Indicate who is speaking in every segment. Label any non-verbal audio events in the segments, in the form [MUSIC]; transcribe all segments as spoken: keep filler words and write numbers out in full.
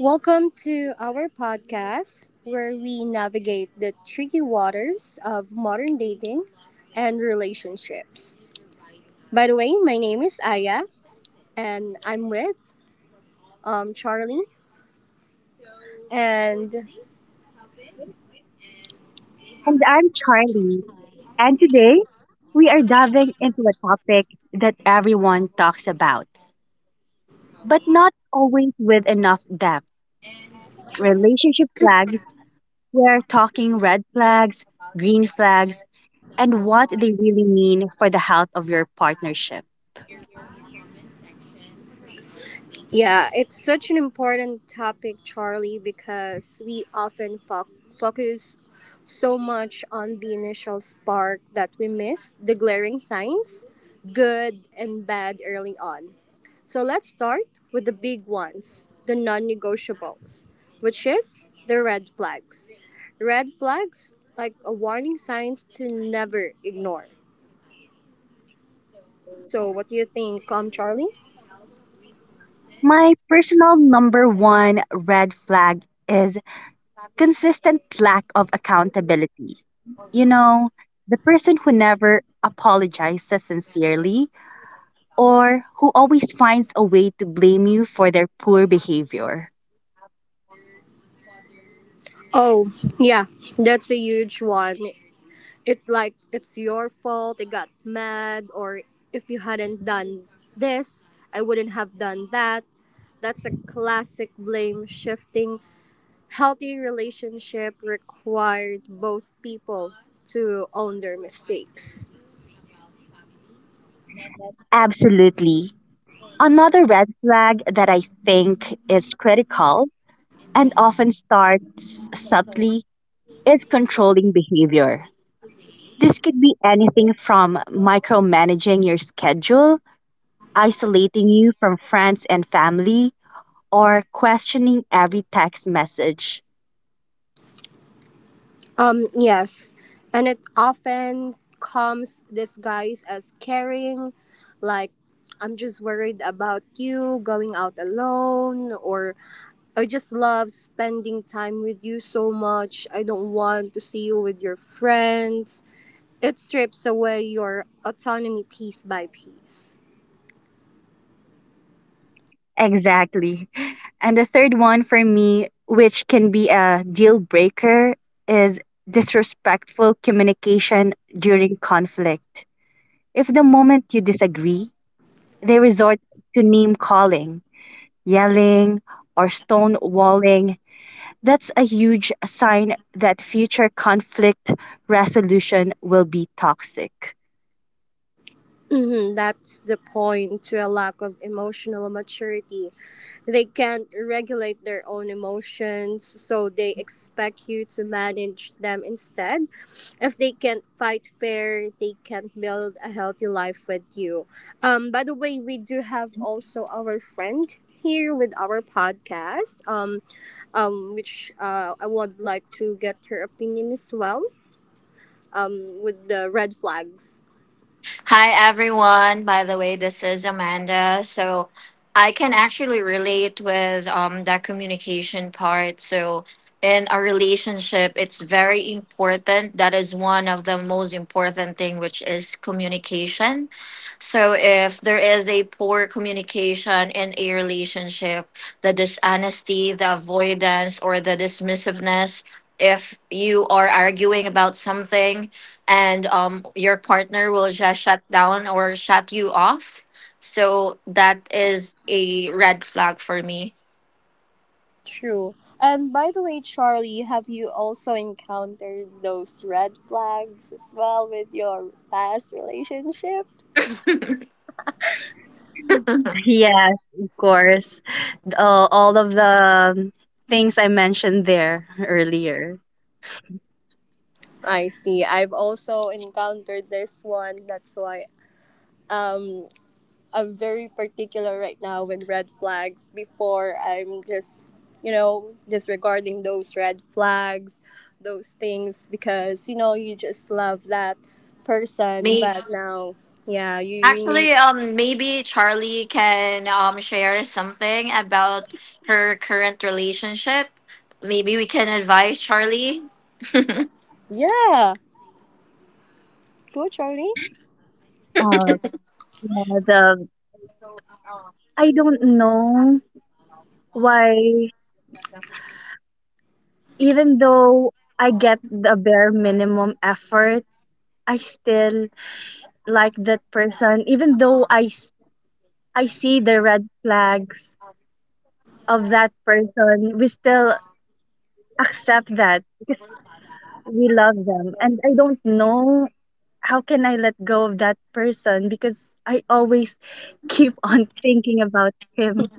Speaker 1: Welcome to our podcast where we navigate the tricky waters of modern dating and relationships. By the way, my name is Aya and I'm with um, Charlie and
Speaker 2: And I'm Charlie. And today, we are diving into a topic that everyone talks about, but not always with enough depth relationship flags. We're talking red flags, green flags, and what they really mean for the health of your partnership.
Speaker 1: yeah, it's such an important topic, Charlie, because we often fo- focus so much on the initial spark that we miss the glaring signs, good and bad early on. So let's start with the big ones, the non negotiables, which is the red flags. Red flags like a warning signs to never ignore. So what do you think, um Charlie?
Speaker 2: My personal number one red flag is consistent lack of accountability. You know, the person who never apologizes sincerely or who always finds a way to blame you for their poor behavior.
Speaker 1: Oh, yeah, that's a huge one. It like it's your fault, I got mad, or if you hadn't done this, I wouldn't have done that. That's a classic blame shifting. Healthy relationship required both people to own their mistakes.
Speaker 2: Absolutely. Another red flag that I think is critical and often starts subtly is controlling behavior. This could be anything from micromanaging your schedule, isolating you from friends and family, or questioning every text message.
Speaker 1: Um, yes. And it often comes disguised as caring, like, I'm just worried about you going out alone, or I just love spending time with you so much. I don't want to see you with your friends. It strips away your autonomy piece by piece.
Speaker 2: Exactly. And the third one for me, which can be a deal breaker, is disrespectful communication during conflict. If the moment you disagree, they resort to name calling, yelling, or stonewalling, that's a huge sign that future conflict resolution will be toxic. [LAUGHS]
Speaker 1: Mhm, that's the point to a lack of emotional maturity. They can't regulate their own emotions, so they expect you to manage them instead. If they can't fight fair, they can't build a healthy life with you. Um, by the way, we do have also our friend here with our podcast, um, um, which uh, I would like to get her opinion as well um, with the red flags.
Speaker 3: Hi, everyone. By the way, this is Amanda. So I can actually relate with um, that communication part. So in a relationship, it's very important. That is one of the most important thing, which is communication. So if there is a poor communication in a relationship, the dishonesty, the avoidance, or the dismissiveness, if you are arguing about something and um, your partner will just shut down or shut you off. So that is a red flag for me.
Speaker 1: True. And by the way, Charlie, have you also encountered those red flags as well with your past relationship?
Speaker 2: Yes, of course. Uh, all of the um, things I mentioned there earlier.
Speaker 1: I see. I've also encountered this one. That's why um I'm very particular right now with red flags. Before I'm just you know disregarding those red flags, those things because you know you just love that person.
Speaker 3: Maybe
Speaker 1: But now, yeah, you really
Speaker 3: actually, um, maybe Charlie can um share something about her current relationship. Maybe we can advise Charlie.
Speaker 1: yeah. Go, Charlie.
Speaker 2: Uh, yeah, the I don't know why even though I get the bare minimum effort, I still like that person. Even though I s- I see the red flags of that person, we still accept that because we love them. And I don't know how can I let go of that person because I always [LAUGHS] keep on thinking about him.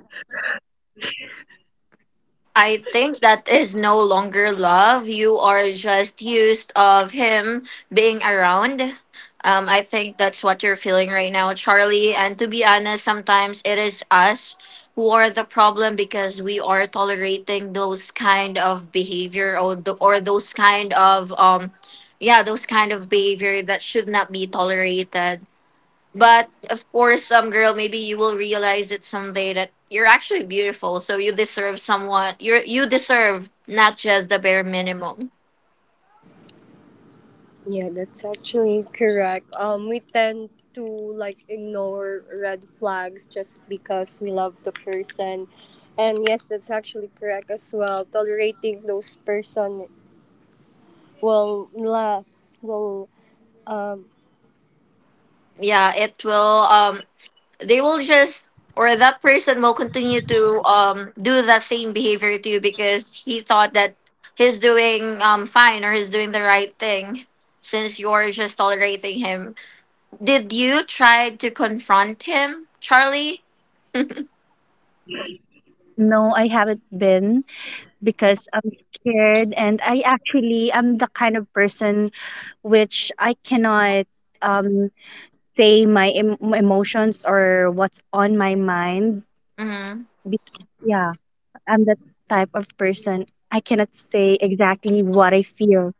Speaker 3: I think that is no longer love. You are just used of him being around. Um, I think that's what you're feeling right now, Charlie. And to be honest, sometimes it is us who are the problem because we are tolerating those kind of behavior or the, or those kind of um, yeah, those kind of behavior that should not be tolerated. But of course, some girl, maybe you will realize it someday that you're actually beautiful. So you deserve someone. You you deserve not just the bare minimum.
Speaker 1: Yeah, that's actually correct. Um, we tend to like ignore red flags just because we love the person, and yes, that's actually correct as well. Tolerating those person will la will um.
Speaker 3: Yeah, it will. Um, they will just or that person will continue to um do the same behavior to you because he thought that he's doing um fine or he's doing the right thing since you're just tolerating him. Did you try to confront him, Charlie?
Speaker 2: No, I haven't been because I'm scared and I actually am the kind of person which I cannot um say my em- my emotions or what's on my mind.
Speaker 3: Mm-hmm.
Speaker 2: Be- Yeah, I'm that type of person. I cannot say exactly what I feel.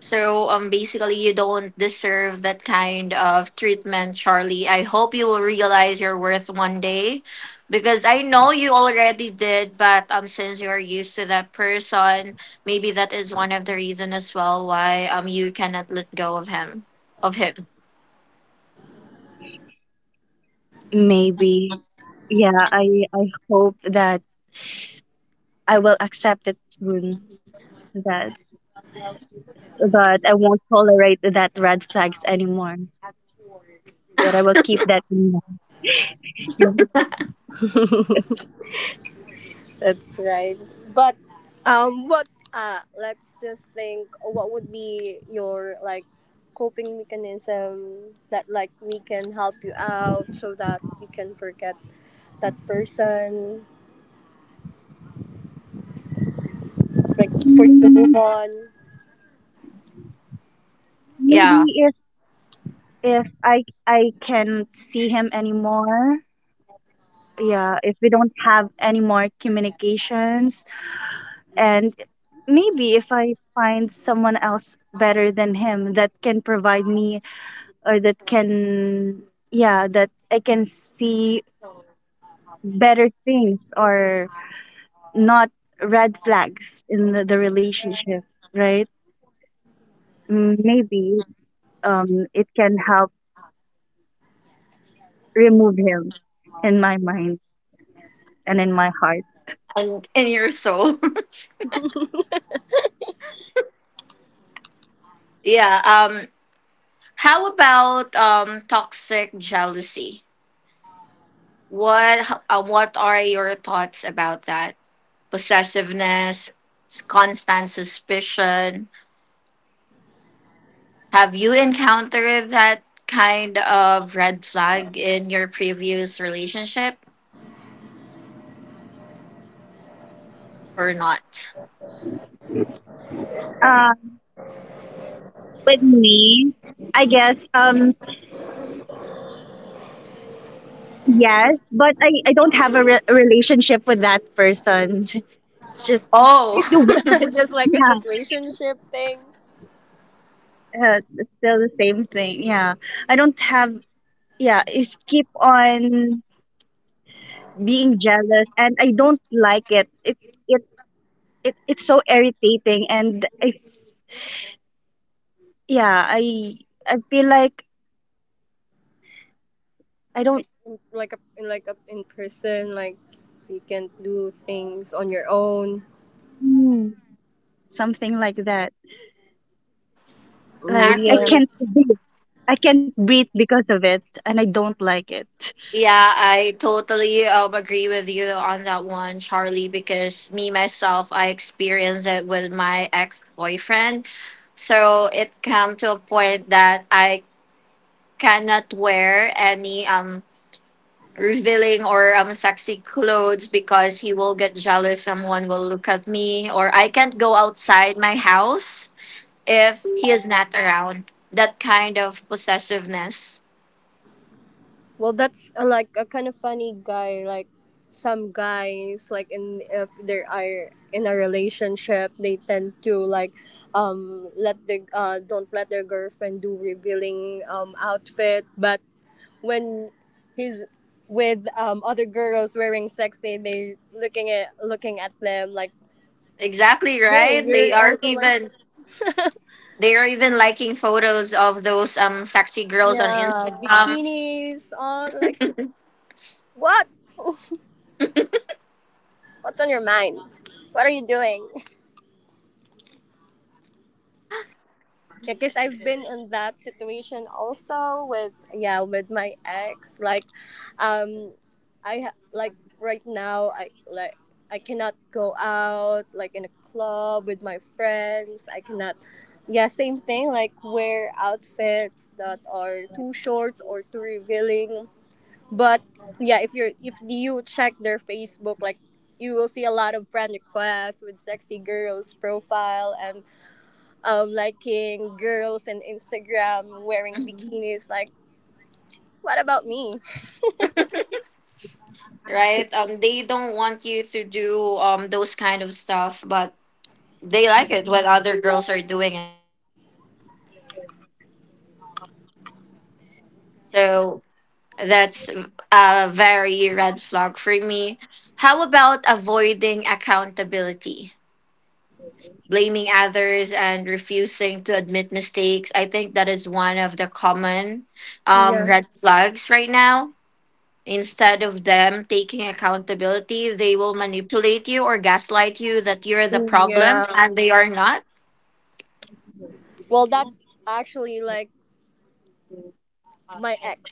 Speaker 3: So um basically you don't deserve that kind of treatment, Charlie. I hope you will realize your worth one day because I know you already did, but um since you're used to that person, maybe that is one of the reason as well why um you cannot let go of him of him.
Speaker 2: Maybe. Yeah, I I hope that I will accept it soon. That But I won't tolerate that red flags anymore. That I will keep that in mind.
Speaker 1: [LAUGHS] That's right. But um, what uh, let's just think. What would be your like coping mechanism that like we can help you out so that you can forget that person like for you to move
Speaker 2: Yeah.
Speaker 1: on.
Speaker 2: Maybe
Speaker 3: Yeah.
Speaker 2: if if I I can't see him anymore, yeah, if we don't have any more communications and maybe if I find someone else better than him that can provide me or that can yeah, that I can see better things or not red flags in the, the relationship, right? Mm, Maybe um it can help remove him in my mind and in my heart.
Speaker 3: And in your soul. [LAUGHS] yeah. Um how about um toxic jealousy? What h- uh, what are your thoughts about that? Possessiveness, s- constant suspicion. Have you encountered that kind of red flag in your previous relationship or not?
Speaker 2: Um, with me, I guess, um, yes, but I, I don't have a re- relationship with that person. [LAUGHS] It's just,
Speaker 3: Oh,
Speaker 2: it's the one-
Speaker 3: [LAUGHS]
Speaker 1: [LAUGHS] Just like a
Speaker 2: yeah,
Speaker 1: situationship thing,
Speaker 2: uh, it's still the same thing. Yeah, I don't have, yeah, it's keep on being jealous, and I don't like it. It, it, it it's so irritating, and I, yeah, I, I feel like I don't,
Speaker 1: like in, like a, in like a, in person like you can do things on your own.
Speaker 2: mm, something like that.
Speaker 1: Mm,
Speaker 2: Like I
Speaker 1: yeah,
Speaker 2: can't.
Speaker 3: actually,
Speaker 2: I can't breathe because of it, and I don't like it.
Speaker 3: yeah, I totally um, agree with you on that one, Charlie, because me myself, I experienced it with my ex boyfriend. So it came to a point that I cannot wear any um revealing or um sexy clothes because he will get jealous someone will look at me, or I can't go outside my house if he is not around, that kind of possessiveness.
Speaker 1: well that's uh like a kind of funny guy, like some guys like in if they are in a relationship they tend to like um let the uh don't let their girlfriend do revealing um outfit but when he's with um, other girls wearing sexy, they looking at looking at them like,
Speaker 3: Exactly
Speaker 1: hey,
Speaker 3: right, they
Speaker 1: you're
Speaker 3: are
Speaker 1: also like,
Speaker 3: even
Speaker 1: [LAUGHS]
Speaker 3: they are even liking photos of those um sexy girls on
Speaker 1: yeah,
Speaker 3: Instagram. [LAUGHS]
Speaker 1: bikinis on. Like, what? What's on your mind? What are you doing? Yeah, because I've been in that situation also with yeah with my ex like um I ha- like right now I like I cannot go out like in a club with my friends I cannot yeah same thing like wear outfits that are too short or too revealing but yeah if you're if you check their Facebook like you will see a lot of friend requests with sexy girls profile and um, liking girls and Instagram wearing
Speaker 3: Mhm.
Speaker 1: bikinis. Like, what about me?
Speaker 3: Right, um they don't want you to do um those kind of stuff, but they like it when other girls are doing it, right? So that's a very red flag for me. How about avoiding accountability? Blaming others and refusing to admit mistakes. I think that is one of the common um,
Speaker 1: Yeah.
Speaker 3: red flags right now. Instead of them taking accountability, they will manipulate you or gaslight you that you're the problem
Speaker 1: Yeah.
Speaker 3: and they are not.
Speaker 1: Well, that's actually like my ex.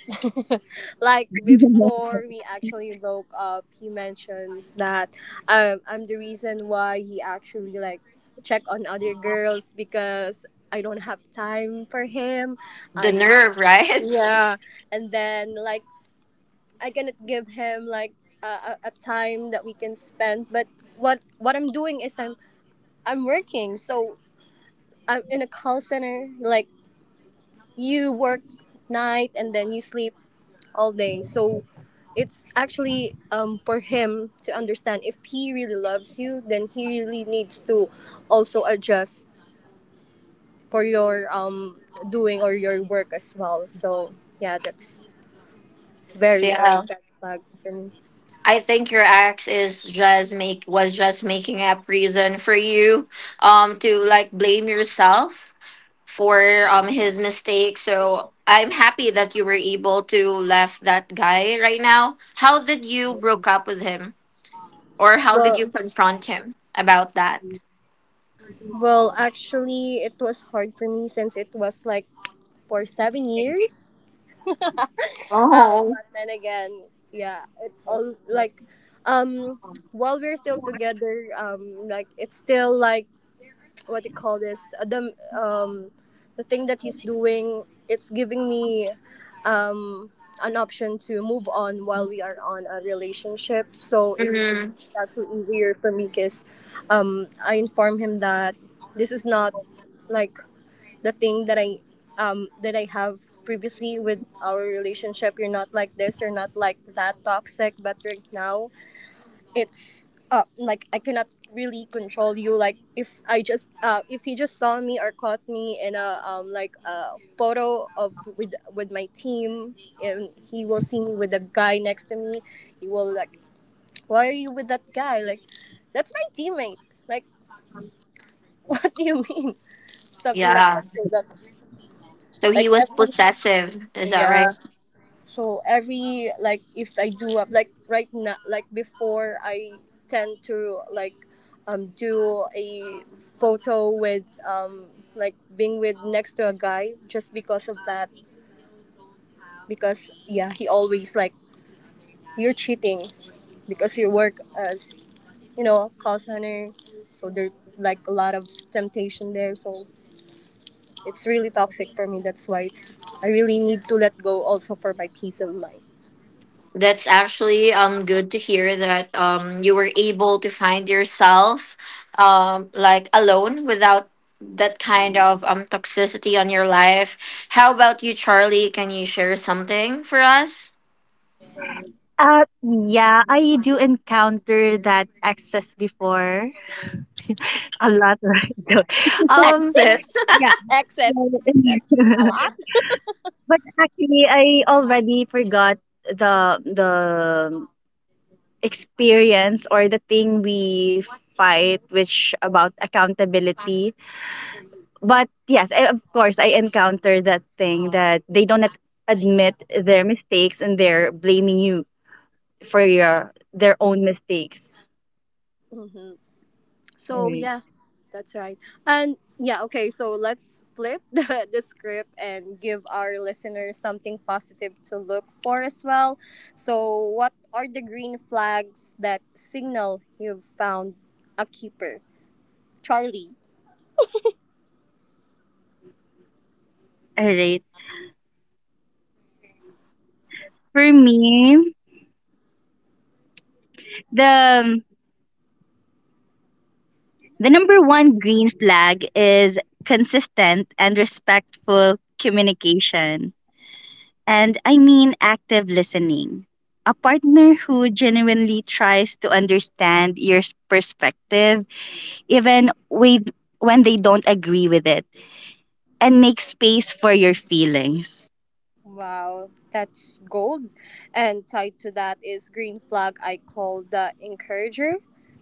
Speaker 1: [LAUGHS] Like before
Speaker 2: [LAUGHS]
Speaker 1: we actually broke up, he mentions that um, I'm the reason why he actually like check on other girls because I don't have time for him.
Speaker 3: The
Speaker 1: I
Speaker 3: nerve, right? [LAUGHS]
Speaker 1: yeah, and then like I cannot give him like a, a, a time that we can spend. But what what I'm doing is I'm I'm working. So I'm in a call center. Like you work night and then you sleep all day. So it's actually um, for him to understand if he really loves you, then he really needs to also adjust for your um, doing or your work as well. So yeah, that's very uh,
Speaker 3: Yeah.
Speaker 1: bad flag for me.
Speaker 3: I think your ex is just make was just making up reason for you um to like blame yourself for um his mistake. So I'm happy that you were able to left that guy right now. How did you broke up with him or how did you
Speaker 1: Well,
Speaker 3: confront him about that?
Speaker 1: Well, actually, it was hard for me since it was like for seven years. [LAUGHS] um,
Speaker 3: Oh.
Speaker 1: but then again, yeah, it all like, um, while we're still together, um, like it's still like what do you call this? Uh, The um, the thing that he's doing, it's giving me, um, an option to move on while we are on a relationship. So it's
Speaker 3: Hmm.
Speaker 1: actually easier for me because, um, I inform him that this is not like the thing that I um that I have previously with our relationship. You're not like this, you're not like that toxic, but right now it's uh like I cannot really control you. Like if I just uh if you just saw me or caught me in a um like a photo of with with my team and he will see me with the guy next to me, he will like why are you with that guy? Like that's my teammate. Like [LAUGHS] what do you mean? Something like
Speaker 3: Yeah.
Speaker 1: that. So that's
Speaker 3: So
Speaker 1: like
Speaker 3: he was
Speaker 1: every
Speaker 3: possessive, is that
Speaker 1: yeah.
Speaker 3: right?
Speaker 1: So every like if I do up like right now like before I tend to like um do a photo with um like being with next to a guy just because of that because yeah he always like you're cheating because you work as you know call center so there's like a lot of temptation there so it's really toxic for me that's why it's I really need to let go also for my peace of mind.
Speaker 3: That's actually um good to hear that um you were able to find yourself um like alone without that kind of um toxicity on your life. How about you, Charlie? Can you share something for us?
Speaker 2: Uh, yeah, I do encounter that access before a lot, [LAUGHS] right? though. Um,
Speaker 3: Access. [LAUGHS]
Speaker 2: yeah,
Speaker 1: Excess, that's a
Speaker 2: [LAUGHS]
Speaker 1: lot.
Speaker 2: but actually, I already forgot the the experience or the thing we fight, which about accountability. But yes, I, of course, I encounter that thing that they don't ad- admit their mistakes and they're blaming you for your their own mistakes.
Speaker 1: Mm-hmm. So
Speaker 2: Right.
Speaker 1: yeah, that's right. And yeah, okay. So let's flip [LAUGHS] the, the script and give our listeners something positive to look for as well. So what are the green flags that signal you've found a keeper, Charlie?
Speaker 2: All right. For me, the the number one green flag is consistent and respectful communication. And I mean active listening. A partner who genuinely tries to understand your s- perspective even with, when they don't agree with it and make space for your feelings.
Speaker 1: Wow, that's gold. And tied to that is Green Flag, I call the encourager.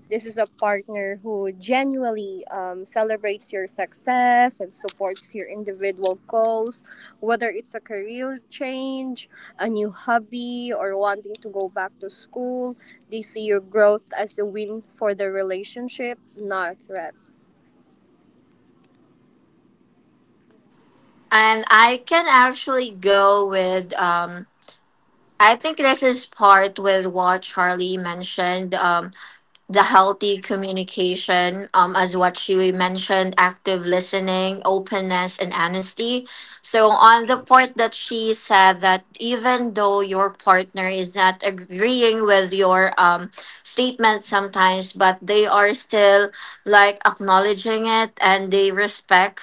Speaker 1: This is a partner who genuinely um, celebrates your success and supports your individual goals, whether it's a career change, a new hobby, or wanting to go back to school. They see your growth as a win for the relationship, not a threat.
Speaker 3: And I can actually go with um I think this is part with what Charlie mentioned. Um the healthy communication, um, as what she mentioned, active listening, openness, and honesty. So, on the part that she said that even though your partner is not agreeing with your um, statement sometimes, but they are still like acknowledging it and they respect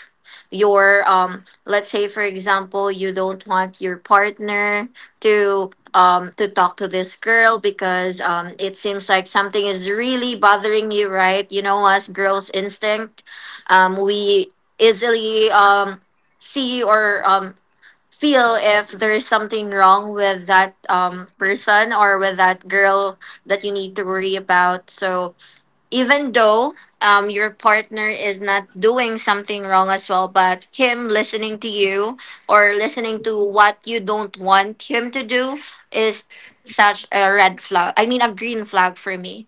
Speaker 3: your um let's say for example you don't want your partner to um to talk to this girl because um it seems like something is really bothering you, right? You know, as girls instinct, um we easily um see or um feel if there is something wrong with that um person or with that girl that you need to worry about. So even though um, your partner is not doing something wrong as well, but him listening to you or listening to what you don't want him to do is such a red flag. I mean, a green flag for me.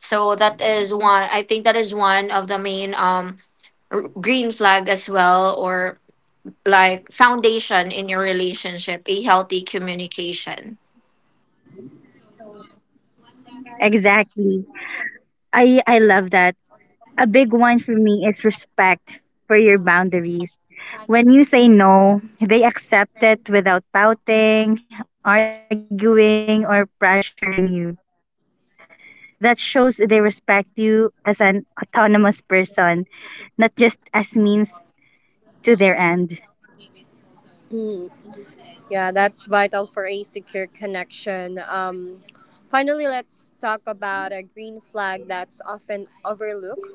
Speaker 3: So that is one. I think that is one of the main um r- green flag as well, or like foundation in your relationship, a healthy communication.
Speaker 2: Exactly. I I love that. A big one for me is respect for your boundaries. When you say no, they accept it without pouting, arguing, or pressuring you. That shows they respect you as an autonomous person, not just as means to their end.
Speaker 1: Hmm. Yeah, that's vital for a secure connection. Um, finally, let's talk about a green flag that's often overlooked,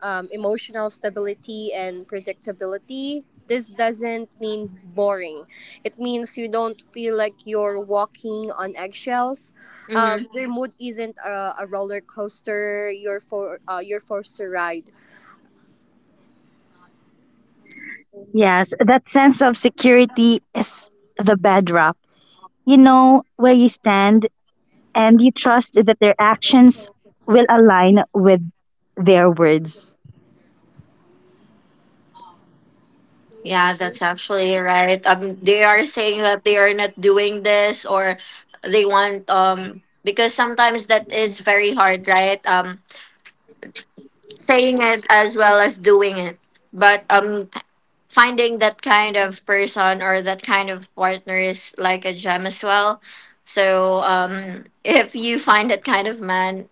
Speaker 1: um, emotional stability and predictability. This doesn't mean boring, it means you don't feel like you're walking on eggshells. Um,
Speaker 3: Mm-hmm.
Speaker 1: your mood isn't a, a roller coaster you're, for, uh, you're forced to ride.
Speaker 2: Yes, that sense of security is the bedrock. You know where you stand and you trust that their actions will align with their words.
Speaker 3: Yeah, that's actually right. Um, they are saying that they are not doing this or they want um because sometimes that is very hard, right? Um, saying it as well as doing it, but um, finding that kind of person or that kind of partner is like a gem as well. So um, if you find that kind of man,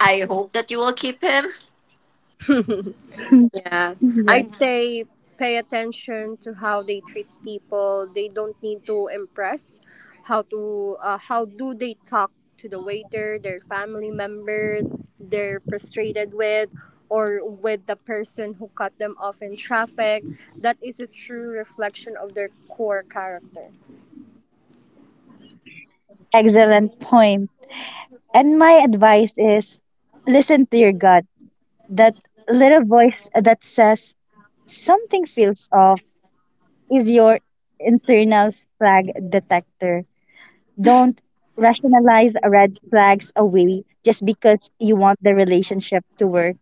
Speaker 3: I hope that you will keep him.
Speaker 1: [LAUGHS]
Speaker 2: [LAUGHS]
Speaker 1: Yeah, I'd
Speaker 2: Exactly.
Speaker 1: say pay attention to how they treat people. They don't need to impress. How to uh, how do they talk to the waiter, their family member, they're frustrated with, or with the person who cut them off in traffic. That is a true reflection of their core character.
Speaker 2: Excellent point. And my advice is listen to your gut. That little voice that says something feels off is your internal flag detector. Don't rationalize red flags away just because you want the relationship to work.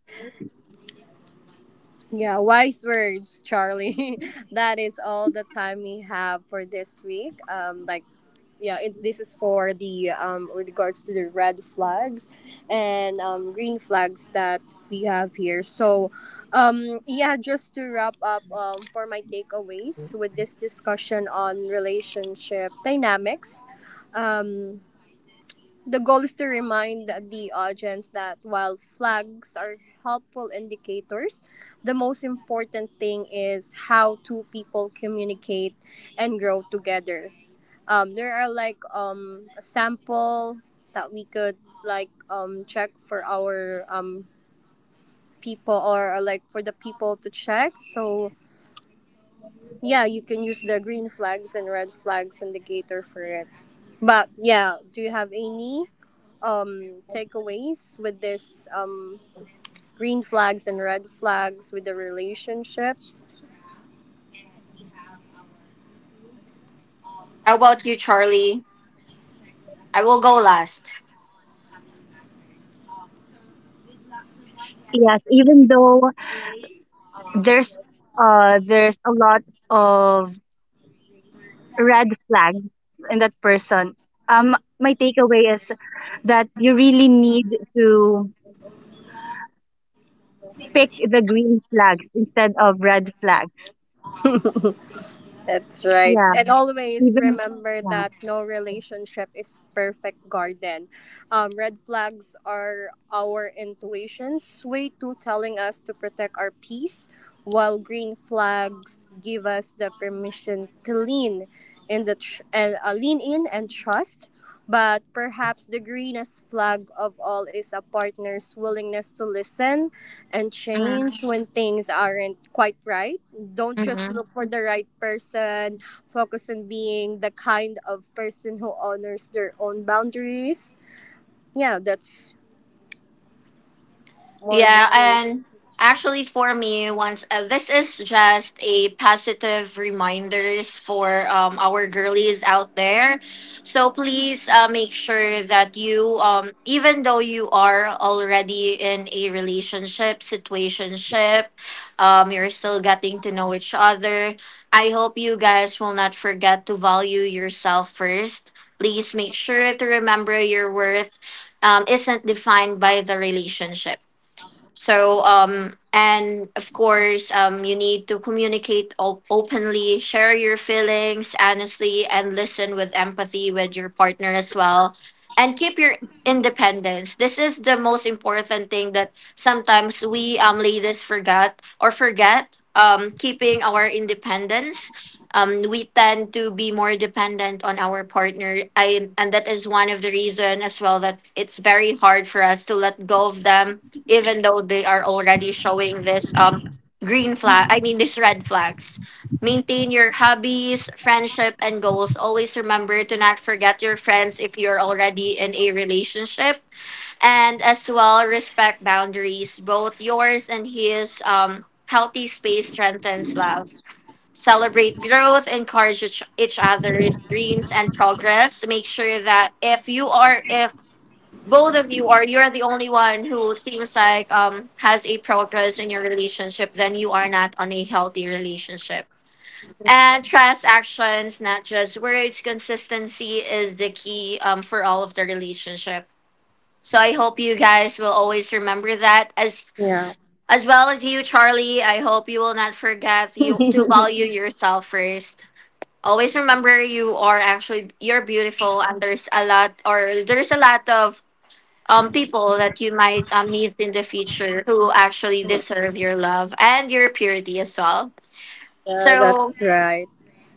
Speaker 1: Yeah, wise words, Charlie. [LAUGHS] That is all the time we have for this week. Um, like yeah it, this is for the um with regards to the red flags and um, green flags that we have here so um yeah just to wrap up um for my takeaways with this discussion on relationship dynamics um the goal is to remind the audience that while flags are helpful indicators the most important thing is how two people communicate and grow together um there are like um a sample that we could like um check for our um people or uh, like for the people to check so yeah you can use the green flags and red flags indicator for it but yeah do you have any um takeaways with this um green flags and red flags with the relationships.
Speaker 3: How about you, Charlie? I will go last.
Speaker 2: Yes, even though there's uh there's a lot of red flags in that person, um, my takeaway is that you really need to pick the green flags instead of red flags.
Speaker 1: [LAUGHS] That's right.
Speaker 2: Yeah,
Speaker 1: And always
Speaker 2: even
Speaker 1: remember
Speaker 2: yeah.
Speaker 1: that no relationship is perfect garden. Um, red flags are our intuition's way to telling us to protect our peace, while green flags give us the permission to lean in the tr- and uh, lean in and trust. But perhaps the greenest flag of all is a partner's willingness to listen and change when things aren't quite right. Don't just
Speaker 3: Mm-hmm.
Speaker 1: look for the right person. Focus on being the kind of person who honors their own boundaries. Yeah, that's more the
Speaker 3: Yeah,
Speaker 1: thing.
Speaker 3: and actually for me, once uh, this is just a positive reminders for um, our girlies out there. So please uh, make sure that you um even though you are already in a relationship, situationship, um you're still getting to know each other. I hope you guys will not forget to value yourself first. Please make sure to remember your worth um, isn't defined by the relationship. So, um, and of course, um, you need to communicate op- openly, share your feelings honestly, and listen with empathy with your partner as well. And keep your independence. This is the most important thing that sometimes we um, ladies forgot or forget um, keeping our independence. Um, we tend to be more dependent on our partner. I, and that is one of the reason as well that it's very hard for us to let go of them even though they are already showing this um green flag I mean these red flags. Maintain your hobbies, friendship, and goals. Always remember to not forget your friends if you're already in a relationship, and as well respect boundaries, both yours and his. Um healthy space strengthens love. Celebrate growth, encourage each, each other's dreams and progress. Make sure that if you are if both of you are, you're the only one who seems like um has a progress in your relationship, then you are not on a healthy relationship. And trust actions, not just words. Consistency is the key um for all of the relationship. So I hope you guys will always remember that, as as well as you, Charlie. I hope you will not forget you to value yourself first. Always remember you are actually you're beautiful, and there's a lot or there's a lot of um, people that you might um, meet in the future who actually deserve your love and your purity as well.
Speaker 1: Yeah, that's
Speaker 3: So,
Speaker 1: right.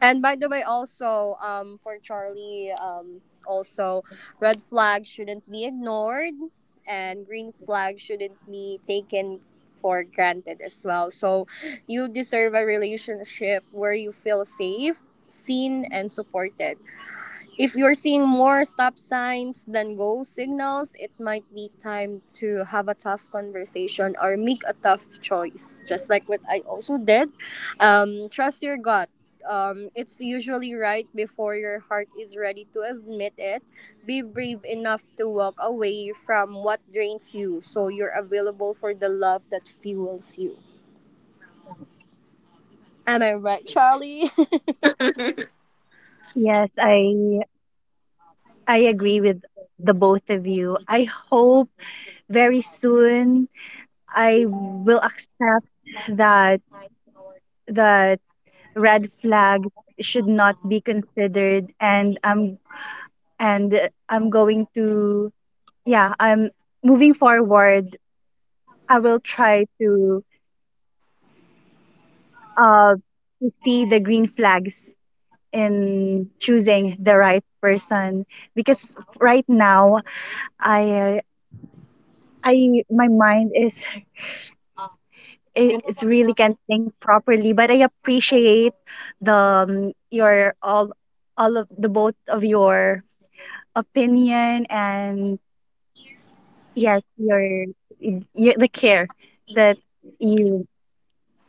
Speaker 1: And by the way, also um, for Charlie, um, also red flag shouldn't be ignored, and green flag shouldn't be taken for granted as well. So you deserve a relationship where you feel safe, seen, and supported. If you're seeing more stop signs than go signals, it might be time to have a tough conversation or make a tough choice, just like what I also did. Um, trust your gut. Um, it's usually right before your heart is ready to admit it. Be brave enough to walk away from what drains you so you're available for the love that fuels you. Am I right, Charlie?
Speaker 3: [LAUGHS] of
Speaker 2: Yes, I I agree with the both of you. I hope very soon I will accept that that red flag should not be considered and I'm and I'm going to yeah, um, moving forward, I will try to uh to see the green flags in choosing the right person because right now I I my mind is
Speaker 1: [LAUGHS]
Speaker 2: is really can't think properly, but I appreciate the um, your all all of the both of your opinion and yes your, your the care that you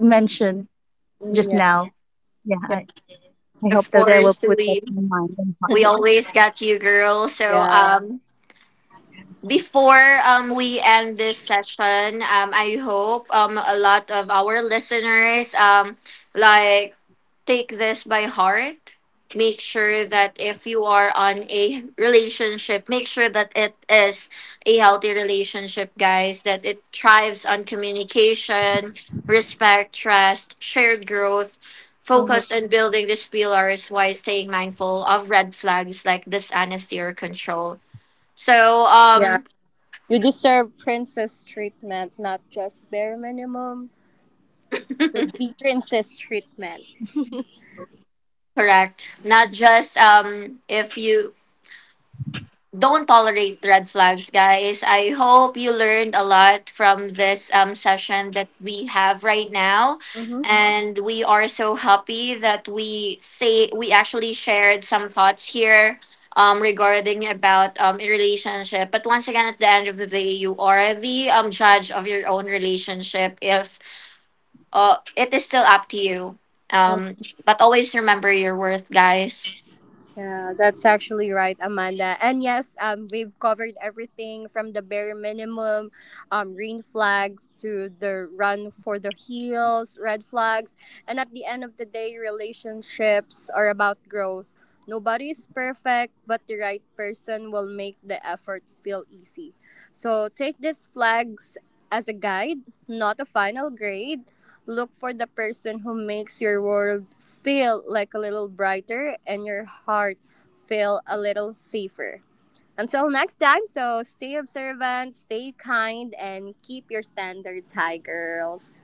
Speaker 2: mentioned
Speaker 1: Yeah,
Speaker 2: just now. Yeah,
Speaker 1: yeah.
Speaker 2: I, I hope that I
Speaker 3: course,
Speaker 2: will put
Speaker 3: we
Speaker 2: that in mind and heart.
Speaker 3: we
Speaker 2: [LAUGHS]
Speaker 3: always got you, girl. So, um, before um, we end this session, um, I hope um, a lot of our listeners, um, like take this by heart. Make sure that if you are on a relationship, make sure that it is a healthy relationship, guys, that it thrives on communication, respect, trust, shared growth. Focus
Speaker 1: Mhm.
Speaker 3: on building these pillars while staying mindful of red flags like dishonesty or control. So,
Speaker 1: Yeah.
Speaker 3: um,
Speaker 1: You deserve princess treatment, not just bare minimum. Should be princess treatment.
Speaker 3: correct. Not just um if you don't tolerate red flags, guys. I hope you learned a lot from this um session that we have right now.
Speaker 1: Mm-hmm.
Speaker 3: And we are so happy that we say we actually shared some thoughts here um regarding about um a relationship. But once again, at the end of the day, you are the um judge of your own relationship. If uh it is still up to you. Um but always remember your worth, guys.
Speaker 1: Yeah, that's actually right, Amanda. And yes, um, we've covered everything from the bare minimum, um, green flags to the run for the heels, red flags. And at the end of the day, relationships are about growth. Nobody is perfect, but the right person will make the effort feel easy. So take these flags as a guide, not a final grade. Look for the person who makes your world feel like a little brighter and your heart feel a little safer. Until next time, so stay observant, stay kind, and keep your standards high, girls.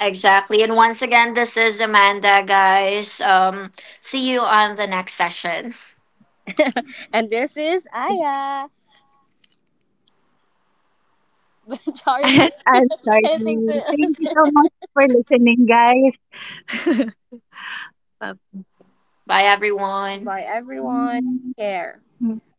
Speaker 3: Exactly. And once again, this is Amanda, guys. Um, see you on the next session.
Speaker 1: And this is Aya. [LAUGHS] Charlie,
Speaker 2: And I'm sorry.
Speaker 1: anything
Speaker 2: Thank you
Speaker 1: to
Speaker 2: so much for listening, guys. [LAUGHS]
Speaker 3: Bye,
Speaker 1: [LAUGHS]
Speaker 3: everyone.
Speaker 1: Bye, everyone. Take care.
Speaker 2: Bye.